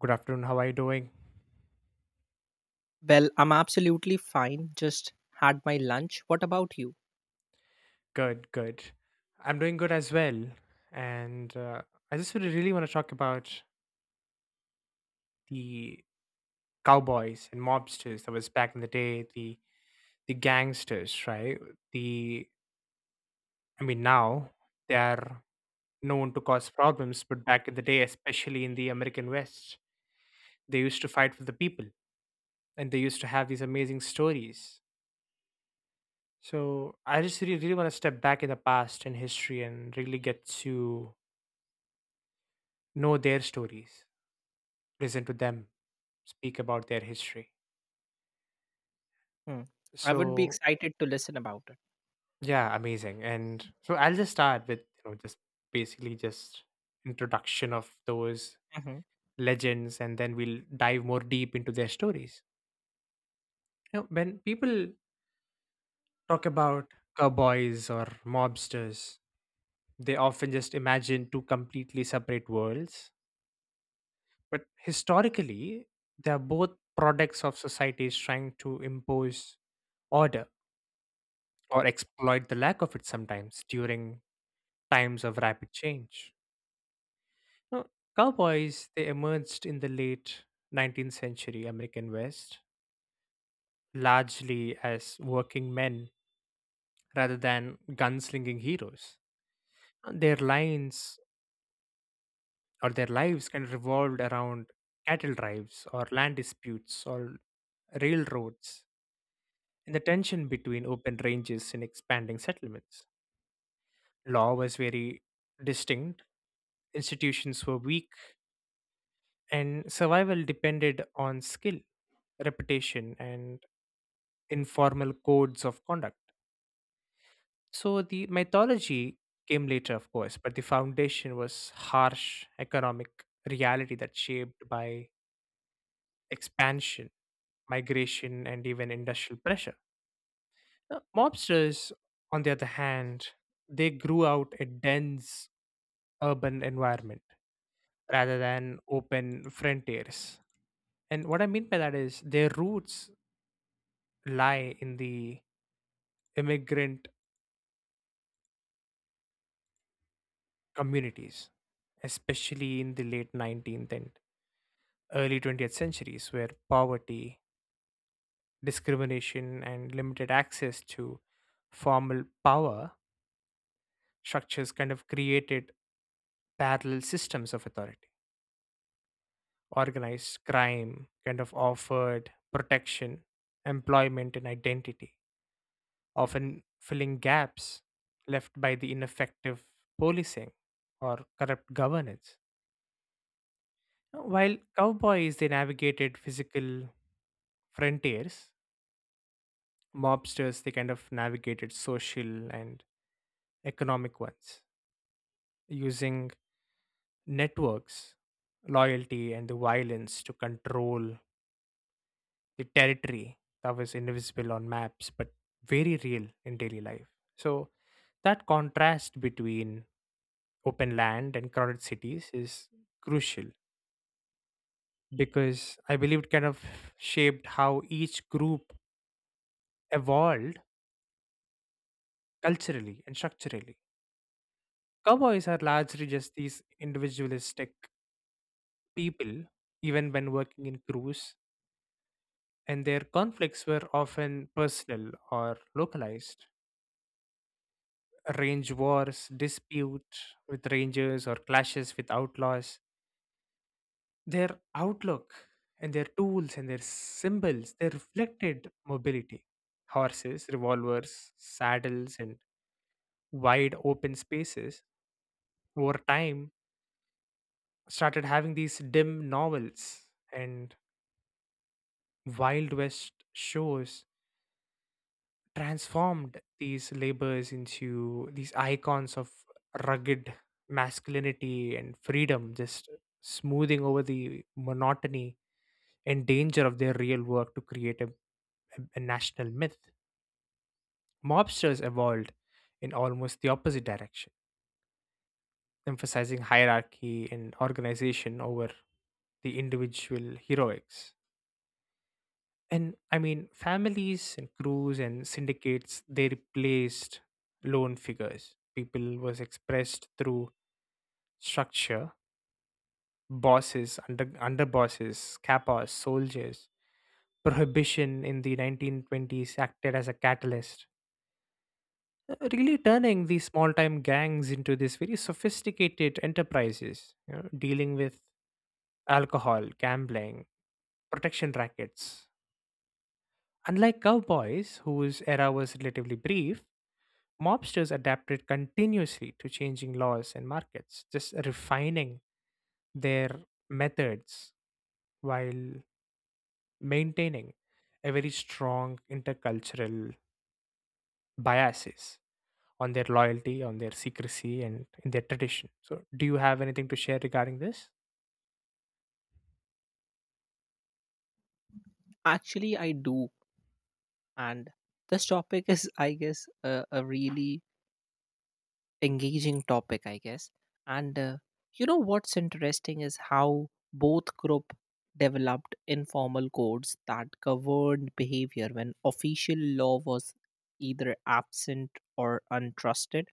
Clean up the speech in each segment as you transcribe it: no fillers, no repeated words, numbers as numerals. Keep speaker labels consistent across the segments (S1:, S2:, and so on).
S1: Good afternoon. How are you doing?
S2: Well, I'm absolutely fine. Just had my lunch. What about you?
S1: Good, good. I'm doing good as well. And I just really, really want to talk about the cowboys and mobsters that was back in the day, the gangsters, right? The I mean now they are known to cause problems, but back in the day, especially in the American West, they used to fight for the people and they used to have these amazing stories. So I just really, really want to step back in the past and history and really get to know their stories, listen to them speak about their history.
S2: Hmm. I would be
S1: So
S2: excited to listen about it.
S1: yeah, amazing. And so I'll just start with just basically just introduction of those
S2: Mhm.
S1: legends, and then we'll dive more deep into their stories. You know, when people talk about cowboys or mobsters, they often just imagine two completely separate worlds. But historically, they are both products of societies trying to impose order or exploit the lack of it sometimes during times of rapid change. Now, cowboys, they emerged in the late 19th century American West, largely as working men rather than gunslinging heroes. Their lines or their lives kind of revolved around cattle drives or land disputes or railroads and the tension between open ranges and expanding settlements. Law was very distinct, institutions were weak, and survival depended on skill, reputation, and informal codes of conduct. So the mythology came later, of course, but the foundation was harsh economic reality that shaped by expansion, migration, and even industrial pressure. Now, mobsters, on the other hand, they grew out a dense urban environment rather than open frontiers. And what I mean by that is their roots lie in the immigrant communities, especially in the late 19th and early 20th centuries, where poverty, discrimination, and limited access to formal power structures kind of created parallel systems of authority. Organized crime kind of offered protection, employment, and identity, often filling gaps left by the ineffective policing or corrupt governance. While cowboys they navigated physical frontiers, mobsters they kind of navigated social and economic ones, using networks, loyalty, and the violence to control the territory that was invisible on maps but very real in daily life. So, that contrast between open land and crowded cities is crucial because I believe it kind of shaped how each group evolved culturally and structurally. Cowboys are largely just these individualistic people, even when working in crews, and their conflicts were often personal or localized. Range wars, dispute with rangers, or clashes with outlaws. Their outlook and their tools and their symbols they reflected mobility. Horses, revolvers, saddles, and wide open spaces over time started having these dim novels and Wild West shows transformed these labors into these icons of rugged masculinity and freedom, just smoothing over the monotony and danger of their real work to create a national myth. Mobsters evolved in almost the opposite direction, emphasizing hierarchy and organization over the individual heroics. And I mean, families and crews and syndicates, they replaced lone figures. People was expressed through structure, bosses, underbosses, kappas, soldiers. Prohibition in the 1920s acted as a catalyst, really turning these small-time gangs into these very sophisticated enterprises, you know, dealing with alcohol, gambling, protection rackets. Unlike cowboys, whose era was relatively brief, mobsters adapted continuously to changing laws and markets, just refining their methods while maintaining a very strong intercultural biases on their loyalty, on their secrecy, and in their tradition. So, do you have anything to share regarding this?
S2: Actually, I do. And this topic is, I guess, a really engaging topic, I guess. And You know what's interesting is how both group developed informal codes that governed behavior when official law was either absent or untrusted.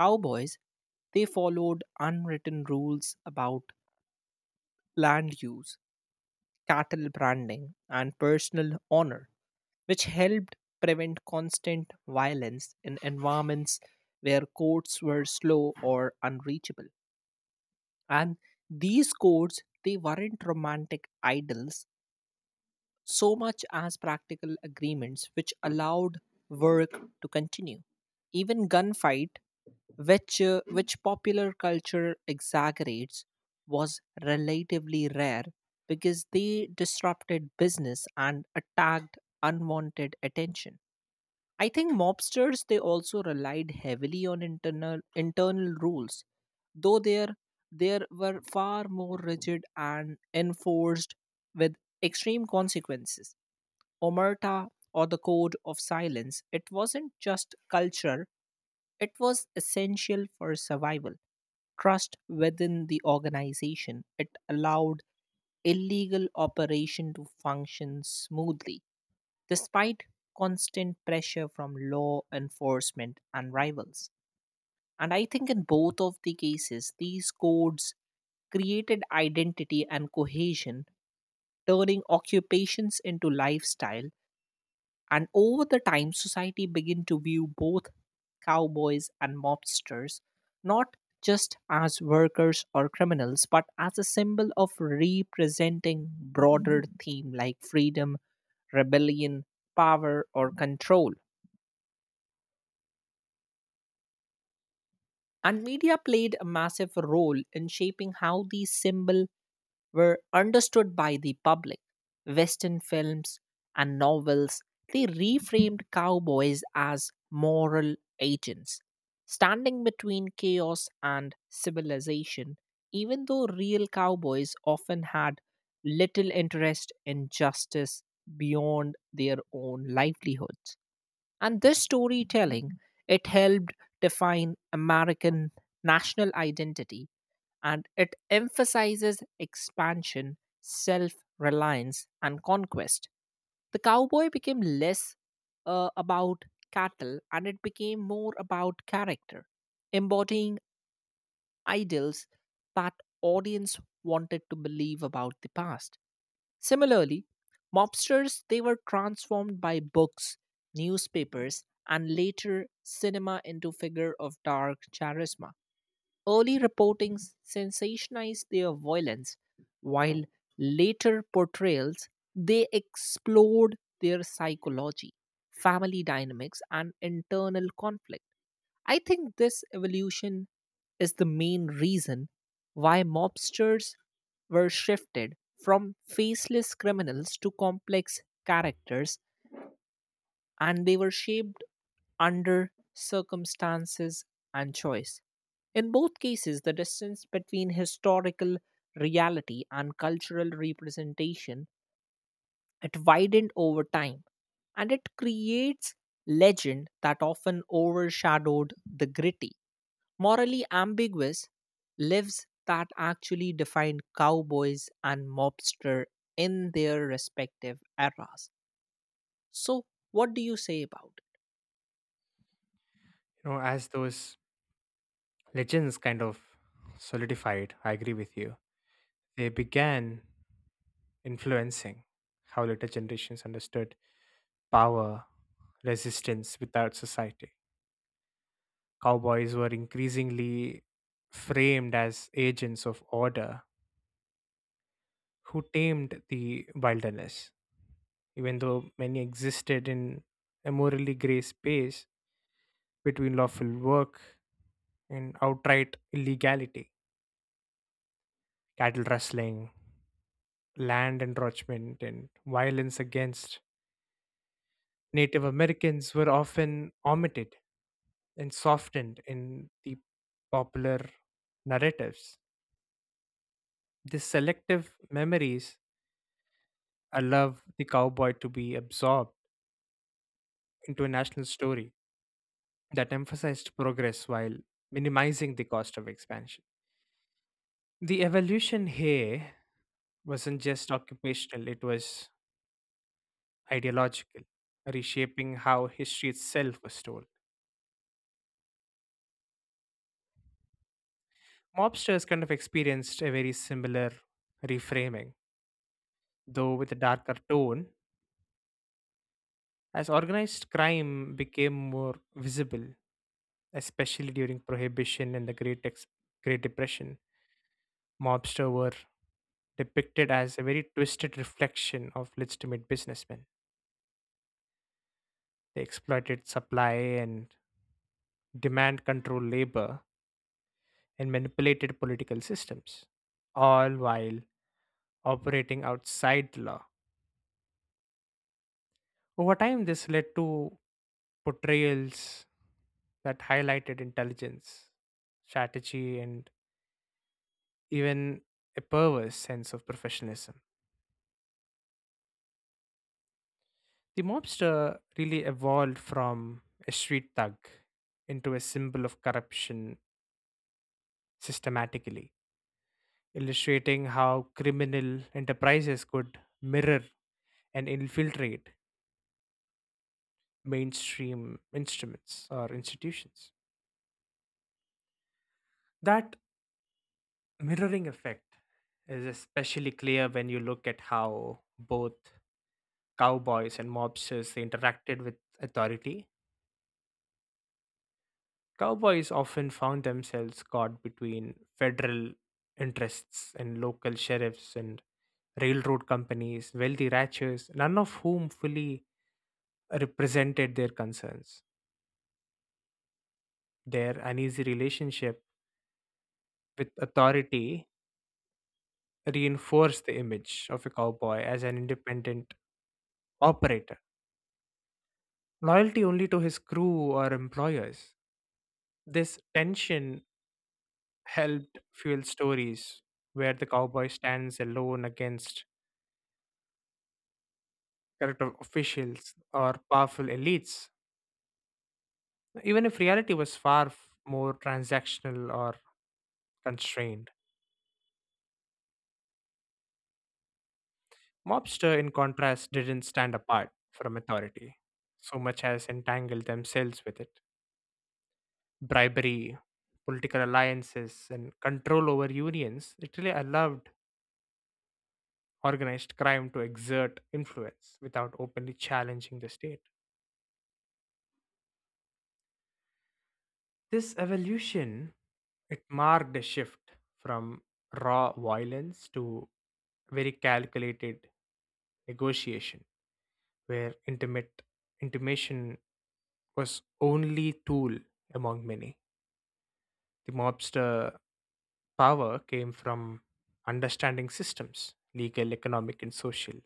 S2: Cowboys, they followed unwritten rules about land use, cattle branding, and personal honor, which helped prevent constant violence in environments where courts were slow or unreachable. And these courts, they weren't romantic idols so much as practical agreements which allowed work to continue. Even gunfight, which popular culture exaggerates, was relatively rare because they disrupted business and attacked unwanted attention. I think mobsters they also relied heavily on internal rules, though there were far more rigid and enforced with extreme consequences. Omerta, or the code of silence, it wasn't just culture, it was essential for survival. Trust within the organization, it allowed illegal operation to function smoothly despite constant pressure from law enforcement and rivals. And I think in both of the cases, these codes created identity and cohesion, turning occupations into lifestyle. And over the time, society began to view both cowboys and mobsters not just as workers or criminals, but as a symbol of representing broader theme like freedom, rebellion, power, or control. And media played a massive role in shaping how these symbols were understood by the public. Western films and novels, they reframed cowboys as moral agents, standing between chaos and civilization, even though real cowboys often had little interest in justice beyond their own livelihoods. And this storytelling, it helped define American national identity and it emphasizes expansion, self reliance, and conquest. The cowboy became less about cattle and it became more about character, embodying ideals that audience wanted to believe about the past. Similarly, mobsters they were transformed by books, newspapers, and later cinema into figure of dark charisma. Early reporting sensationalized their violence, while later portrayals they explored their psychology, family dynamics, and internal conflict. I think this evolution is the main reason why mobsters were shifted from faceless criminals to complex characters and they were shaped under circumstances and choice. In both cases, the distance between historical reality and cultural representation it widened over time and it creates legend that often overshadowed the gritty morally ambiguous lives that actually defined cowboys and mobster in their respective eras. So, what do you say about it?
S1: You know, as those legends kind of solidified, I agree with you, they began influencing how later generations understood power, resistance without society. Cowboys were increasingly framed as agents of order who tamed the wilderness, even though many existed in a morally gray space between lawful work and outright illegality. Cattle rustling, land encroachment, and violence against Native Americans were often omitted and softened in the popular narratives. These selective memories I love the cowboy to be absorbed into a national story that emphasized progress while minimizing the cost of expansion. The evolution here wasn't just occupational, it was ideological, reshaping how history itself was told. Mobsters kind of experienced a very similar reframing, though with a darker tone, as organized crime became more visible, especially during Prohibition and the Great Depression, mobster were depicted as a very twisted reflection of legitimate businessmen. They exploited supply and demand control labor and manipulated political systems, all while operating outside the law. Over time, this led to portrayals that highlighted intelligence, strategy, and even a perverse sense of professionalism. The mobster really evolved from a street thug into a symbol of corruption systematically, illustrating how criminal enterprises could mirror and infiltrate mainstream instruments or institutions. That mirroring effect is especially clear when you look at how both cowboys and mobsters they interacted with authority. Cowboys often found themselves caught between federal interests and local sheriffs and railroad companies, wealthy ranchers, none of whom fully represented their concerns. Their uneasy relationship with authority reinforced the image of a cowboy as an independent operator, loyalty only to his crew or employers. This tension helped fuel stories where the cowboy stands alone against corrupt officials or powerful elites, even if reality was more transactional or constrained. Mobster, in contrast, didn't stand apart from authority so much as entangled themselves with it. Bribery, political alliances, and control over unions literally allowed organized crime to exert influence without openly challenging the state. This evolution it marked a shift from raw violence to very calculated negotiation where intimate intimation was only tool among many. The mobster power came from understanding systems, legal, economic, and social,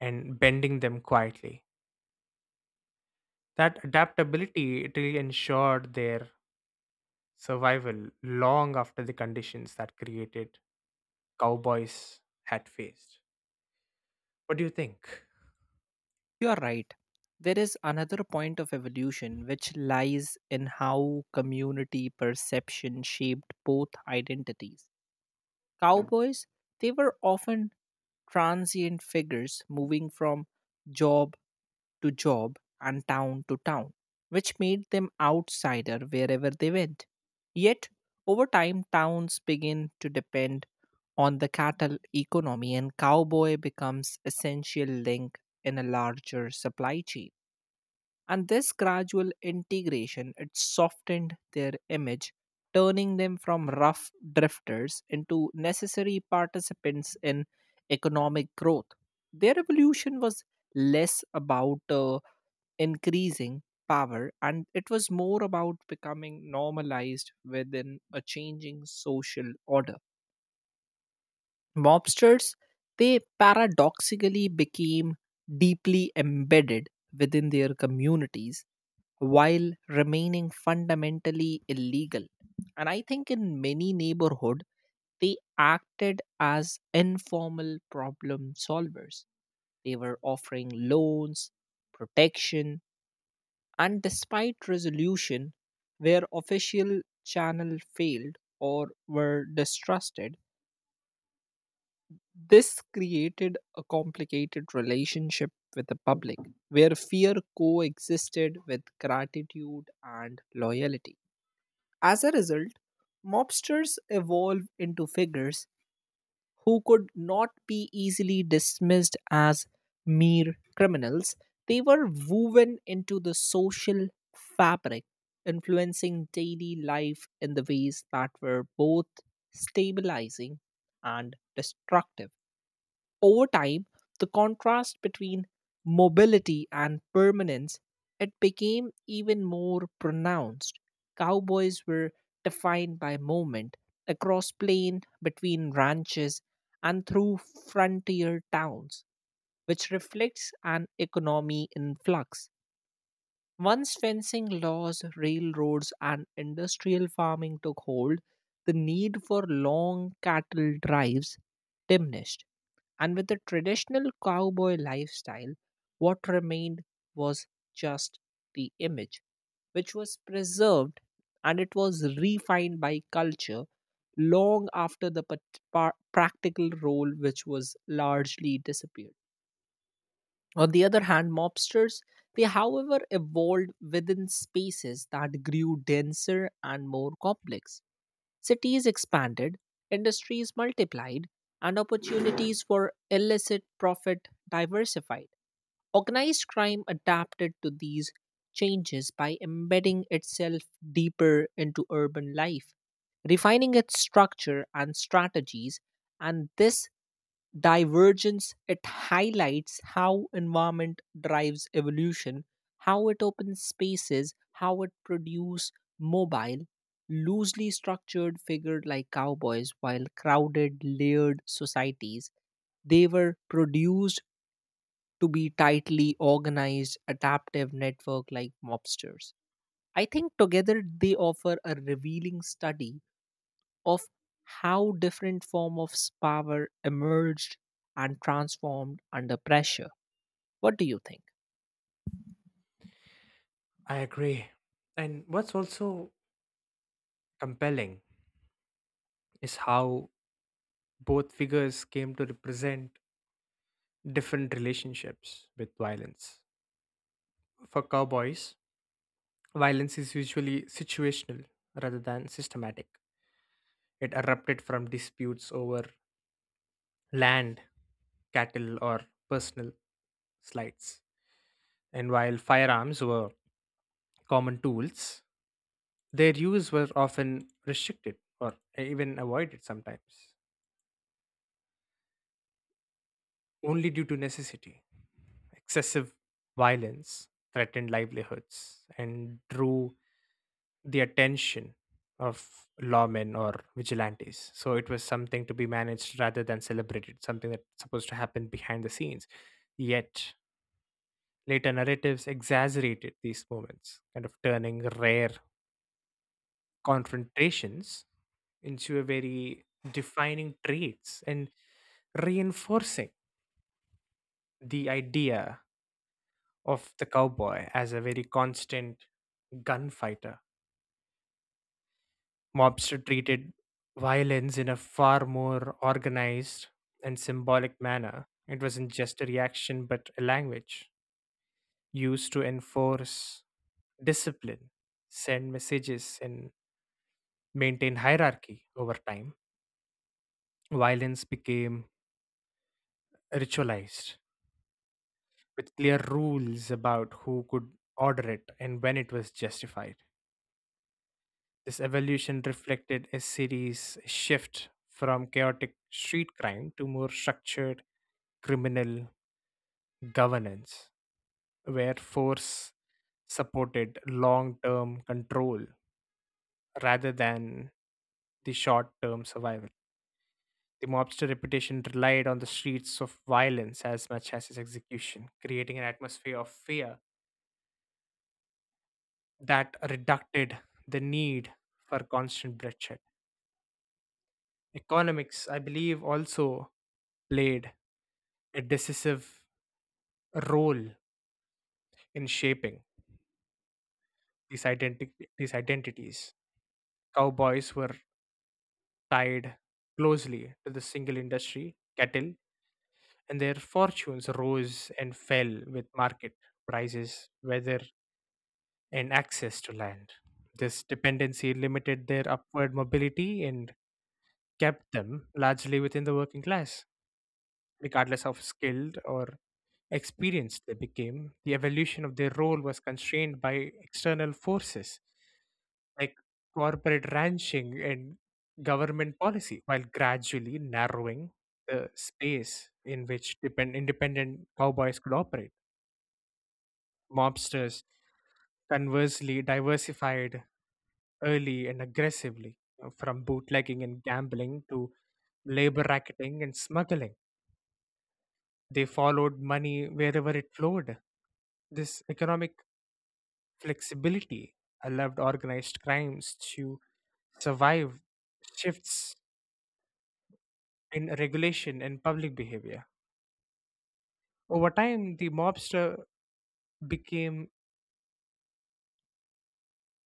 S1: and bending them quietly. That adaptability it really ensured their survival long after the conditions that created cowboys had faced. What do you think?
S2: You're right. There is another point of evolution which lies in how community perception shaped both identities. Cowboys, they were often transient figures moving from job to job and town to town, which made them outsider wherever they went. Yet, over time, towns begin to depend on the cattle economy and cowboy becomes essential link in a larger supply chain. And this gradual integration, it softened their image, turning them from rough drifters into necessary participants in economic growth. Their evolution was less about increasing power and it was more about becoming normalized within a changing social order. Mobsters they paradoxically became deeply embedded within their communities while remaining fundamentally illegal, and I think in many neighborhood they acted as informal problem solvers. They were offering loans, protection. And despite resolution, where official channel failed or were distrusted, this created a complicated relationship with the public where fear coexisted with gratitude and loyalty. As a result, mobsters evolve into figures who could not be easily dismissed as mere criminals. They were woven into the social fabric, influencing daily life in the ways that were both stabilizing and destructive. Over time, the contrast between mobility and permanence it became even more pronounced. Cowboys were defined by movement across plain, between ranches, and through frontier towns, which reflects an economy in flux. Once fencing laws, railroads, and industrial farming took hold, the need for long cattle drives diminished and with the traditional cowboy lifestyle, what remained was just the image, which was preserved and it was refined by culture long after the practical role, which was largely disappeared. On the other hand, mobsters, they however evolved within spaces that grew denser and more complex. Cities expanded, industries multiplied, and opportunities for illicit profit diversified. Organized crime adapted to these changes by embedding itself deeper into urban life, refining its structure and strategies, and this divergence it highlights how environment drives evolution, how it opens spaces, how it produces mobile, loosely structured figured like cowboys while crowded layered societies they were produced to be tightly organized adaptive network like mobsters. I think together they offer a revealing study of how different form of power emerged and transformed under pressure. What do you think?
S1: I agree. And what's also compelling is how both figures came to represent different relationships with violence. For cowboys, violence is usually situational rather than systematic. It erupted from disputes over land, cattle, or personal slights. And while firearms were common tools, their use were often restricted or even avoided sometimes, only due to necessity. Excessive violence threatened livelihoods and drew the attention of lawmen or vigilantes. So it was something to be managed rather than celebrated, something that's supposed to happen behind the scenes. Yet later narratives exaggerated these moments, kind of turning rare confrontations into a very defining traits and reinforcing the idea of the cowboy as a very constant gunfighter. Mobster treated violence in a far more organized and symbolic manner. It wasn't just a reaction, but a language used to enforce discipline, send messages, and maintain hierarchy over time. Violence became ritualized with clear rules about who could order it and when it was justified. This evolution reflected a city's shift from chaotic street crime to more structured criminal governance, where force supported long term control rather than the short term survival. The mobster reputation relied on the streets of violence as much as its execution, creating an atmosphere of fear that reducted the need for constant bloodshed. Economics, I believe, also played a decisive role in shaping these identity these identities. Cowboys were tied closely to the single industry, cattle, and their fortunes rose and fell with market prices, weather, and access to land. This dependency limited their upward mobility and kept them largely within the working class, regardless of skilled or experienced they became, the evolution of their role was constrained by external forces like corporate ranching and government policy, while gradually narrowing the space in which independent cowboys could operate. Mobsters conversely diversified early and aggressively from bootlegging and gambling to labor racketing and smuggling. They followed money wherever it flowed. This economic flexibility allowed organized crimes to survive shifts in regulation and public behavior. Over time, the mobster became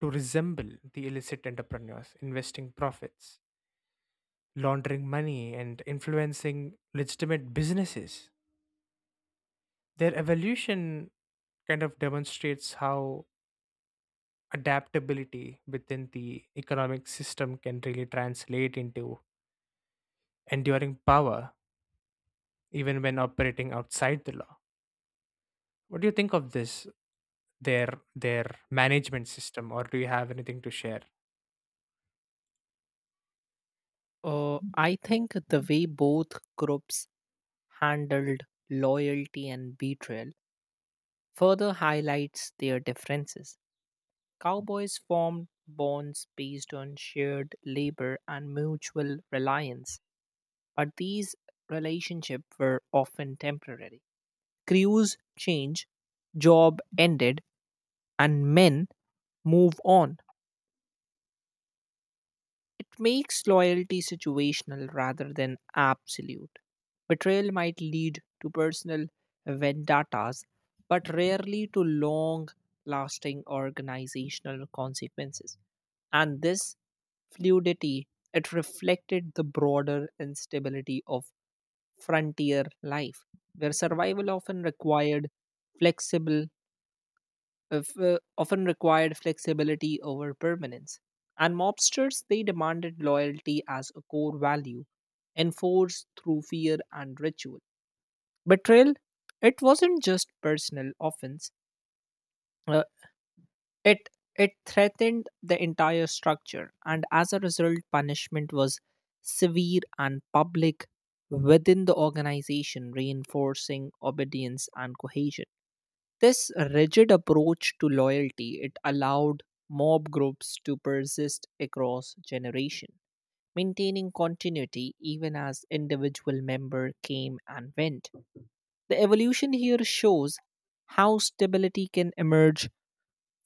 S1: to resemble the illicit entrepreneurs, investing profits, laundering money, and influencing legitimate businesses. Their evolution kind of demonstrates how adaptability within the economic system can really translate into enduring power even when operating outside the law. What do you think of this their their management system, or do you have anything to share?
S2: I think the way both groups handled loyalty and betrayal further highlights their differences. Cowboys formed bonds based on shared labor and mutual reliance, but these relationships were often temporary. Crews changed, job ended, and men move on. It makes loyalty situational rather than absolute. Betrayal might lead to personal vendettas, but rarely to long lasting organizational consequences. And this fluidity, it reflected the broader instability of frontier life, where survival often required flexible often required flexibility over permanence. And mobsters, they demanded loyalty as a core value, enforced through fear and ritual. Betrayal, it wasn't just personal offense, uh, it, it threatened the entire structure, and as a result, punishment was severe and public within the organization, reinforcing obedience and cohesion. This rigid approach to loyalty it allowed mob groups to persist across generation, maintaining continuity even as individual member came and went. The evolution here shows how stability can emerge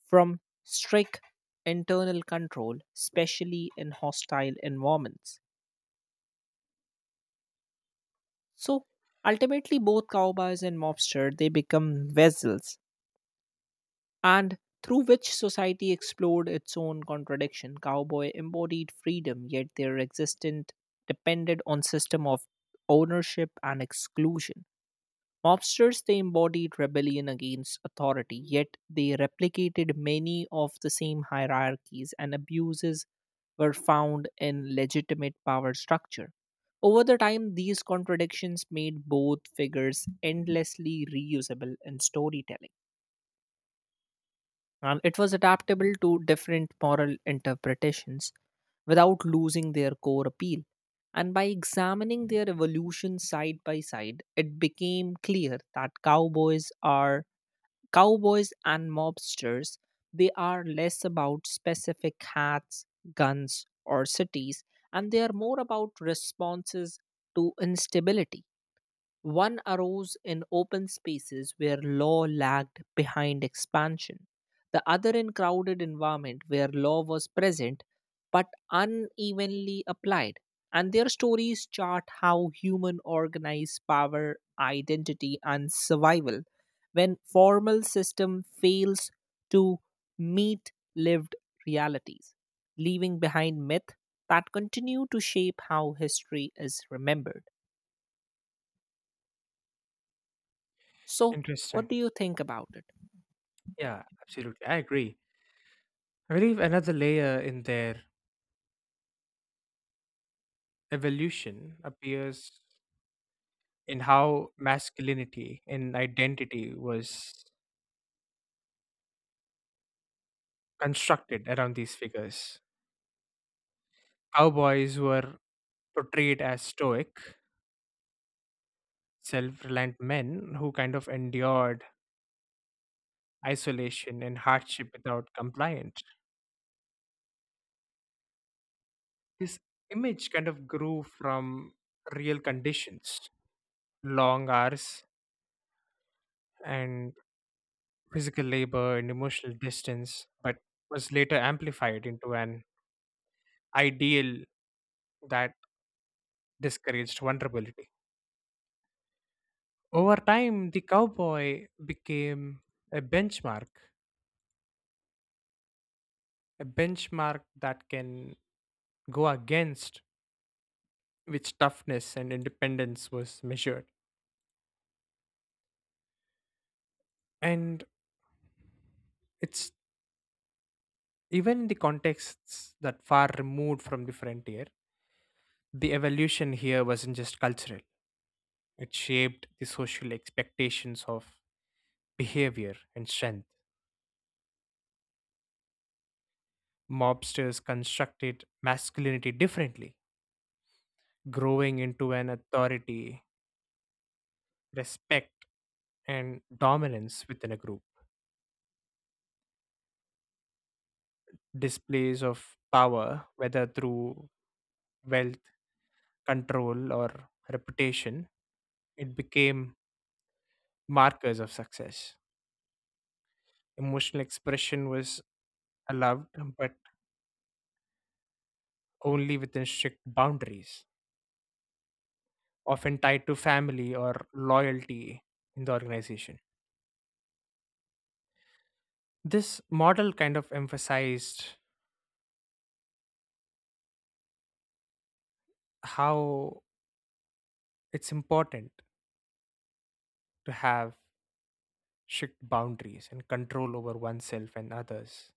S2: from strict internal control, especially in hostile environments. So ultimately both cowboys and mobster they become vessels and through which society explored its own contradiction. Cowboy embodied freedom, yet their existence depended on system of ownership and exclusion. Mobsters they embodied rebellion against authority, yet they replicated many of the same hierarchies and abuses were found in legitimate power structure. Over the time, these contradictions made both figures endlessly reusable in storytelling and it was adaptable to different moral interpretations without losing their core appeal. And by examining their evolution side by side, it became clear that cowboys and mobsters. They are less about specific hats, guns, or cities, and they are more about responses to instability. One arose in open spaces where law lagged behind expansion, the other in crowded environment where law was present but unevenly applied. And their stories chart how human organize power, identity, and survival when formal system fails to meet lived realities, leaving behind myth that continue to shape how history is remembered. So,
S1: Interesting.
S2: what do you think about it?
S1: Yeah, absolutely. I agree. I believe another layer in their evolution appears in how masculinity and identity was constructed around these figures. Cowboys were portrayed as stoic, self reliant men who kind of endured isolation and hardship without compliance. His image kind of grew from real conditions, long hours and physical labor and emotional distance, but was later amplified into an ideal that discouraged vulnerability. Over time, the cowboy became a benchmark, a benchmark that can go against which toughness and independence was measured. And it's even in the contexts that far removed from the frontier. The evolution here wasn't just cultural, it shaped the social expectations of behavior and strength. Mobsters constructed masculinity differently, growing into an authority, respect, and dominance within a group. Displays of power, whether through wealth, control, or reputation, it became markers of success. Emotional expression was allowed, but only within strict boundaries often tied to family or loyalty in the organization. This model kind of emphasized how it's important to have strict boundaries and control over oneself and others,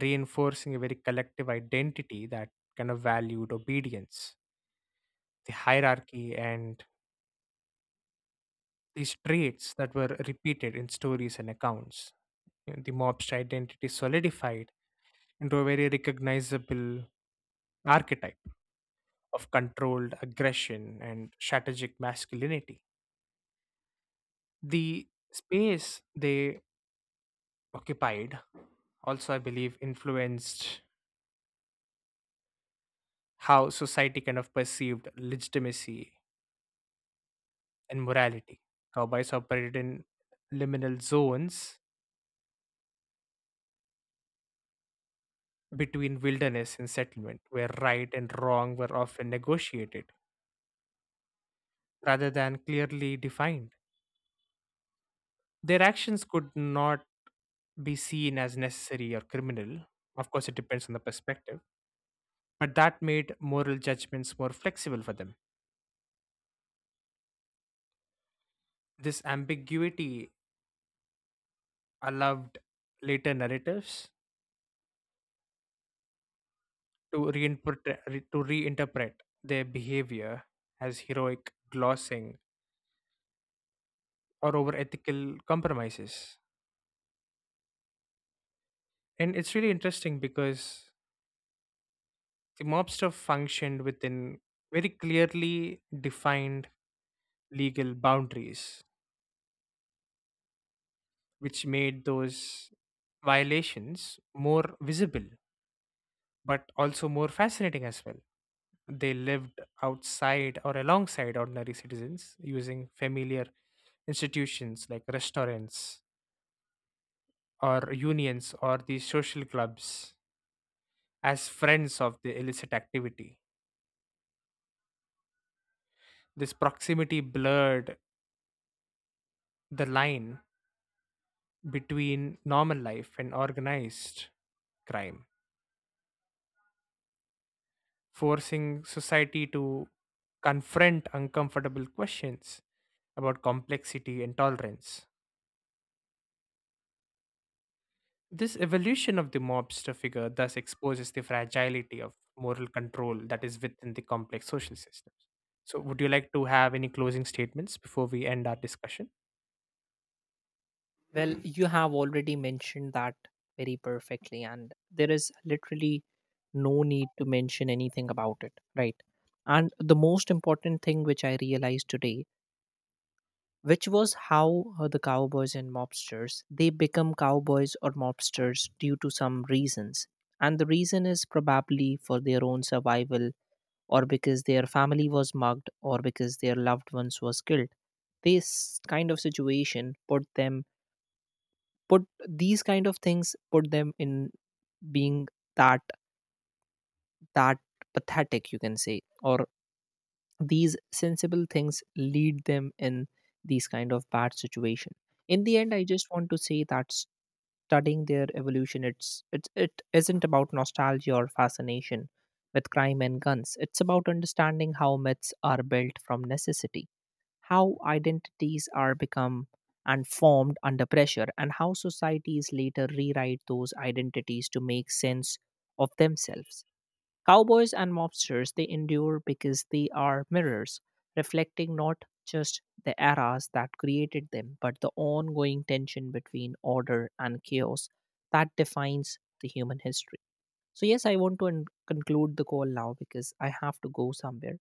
S1: reinforcing a very collective identity that kind of valued obedience, the hierarchy, and these traits that were repeated in stories and accounts. You know, the mobster identity solidified into a very recognizable archetype of controlled aggression and strategic masculinity. The space they occupied also, I believe, influenced how society kind of perceived legitimacy and morality. Cowboys operated in liminal zones between wilderness and settlement, where right and wrong were often negotiated rather than clearly defined. Their actions could not be seen as necessary or criminal. Of course, it depends on the perspective but that made moral judgments more flexible for them. This ambiguity allowed later narratives to reinterpret their behavior as heroic glossing or over ethical compromises. And it's really interesting because the mobster functioned within very clearly defined legal boundaries, which made those violations more visible but also more fascinating as well. They lived outside or alongside ordinary citizens using familiar institutions like restaurants or unions or these social clubs as friends of the illicit activity. This proximity blurred the line between normal life and organized crime, forcing society to confront uncomfortable questions about complexity and tolerance. This evolution of the mobster figure thus exposes the fragility of moral control that is within the complex social systems. So, would you like to have any closing statements before we end our discussion?
S2: Well, you have already mentioned that very perfectly, and there is literally no need to mention anything about it, right? And the most important thing which I realized today, which was how the cowboys and mobsters they become cowboys or mobsters due to some reasons, and the reason is probably for their own survival or because their family was mugged or because their loved ones was killed. This kind of situation put them, put these kind of things put them in being that that pathetic you can say, or these sensible things lead them in these kind of bad situation. In the end I just want to say that studying their evolution, it isn't about nostalgia or fascination with crime and guns. It's about understanding how myths are built from necessity, how identities are become and formed under pressure, and how societies later rewrite those identities to make sense of themselves. Cowboys and mobsters they endure because they are mirrors, reflecting not just the eras that created them but the ongoing tension between order and chaos that defines the human history. So, yes, I want to conclude the call now because I have to go somewhere.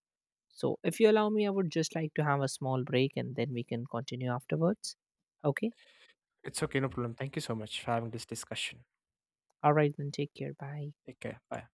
S2: So, if you allow me, I would just like to have a small break and then we can continue afterwards. Okay.
S1: It's okay, no problem. Thank you so much for having this discussion.
S2: All right, then take care. Bye.
S1: Take care. Bye.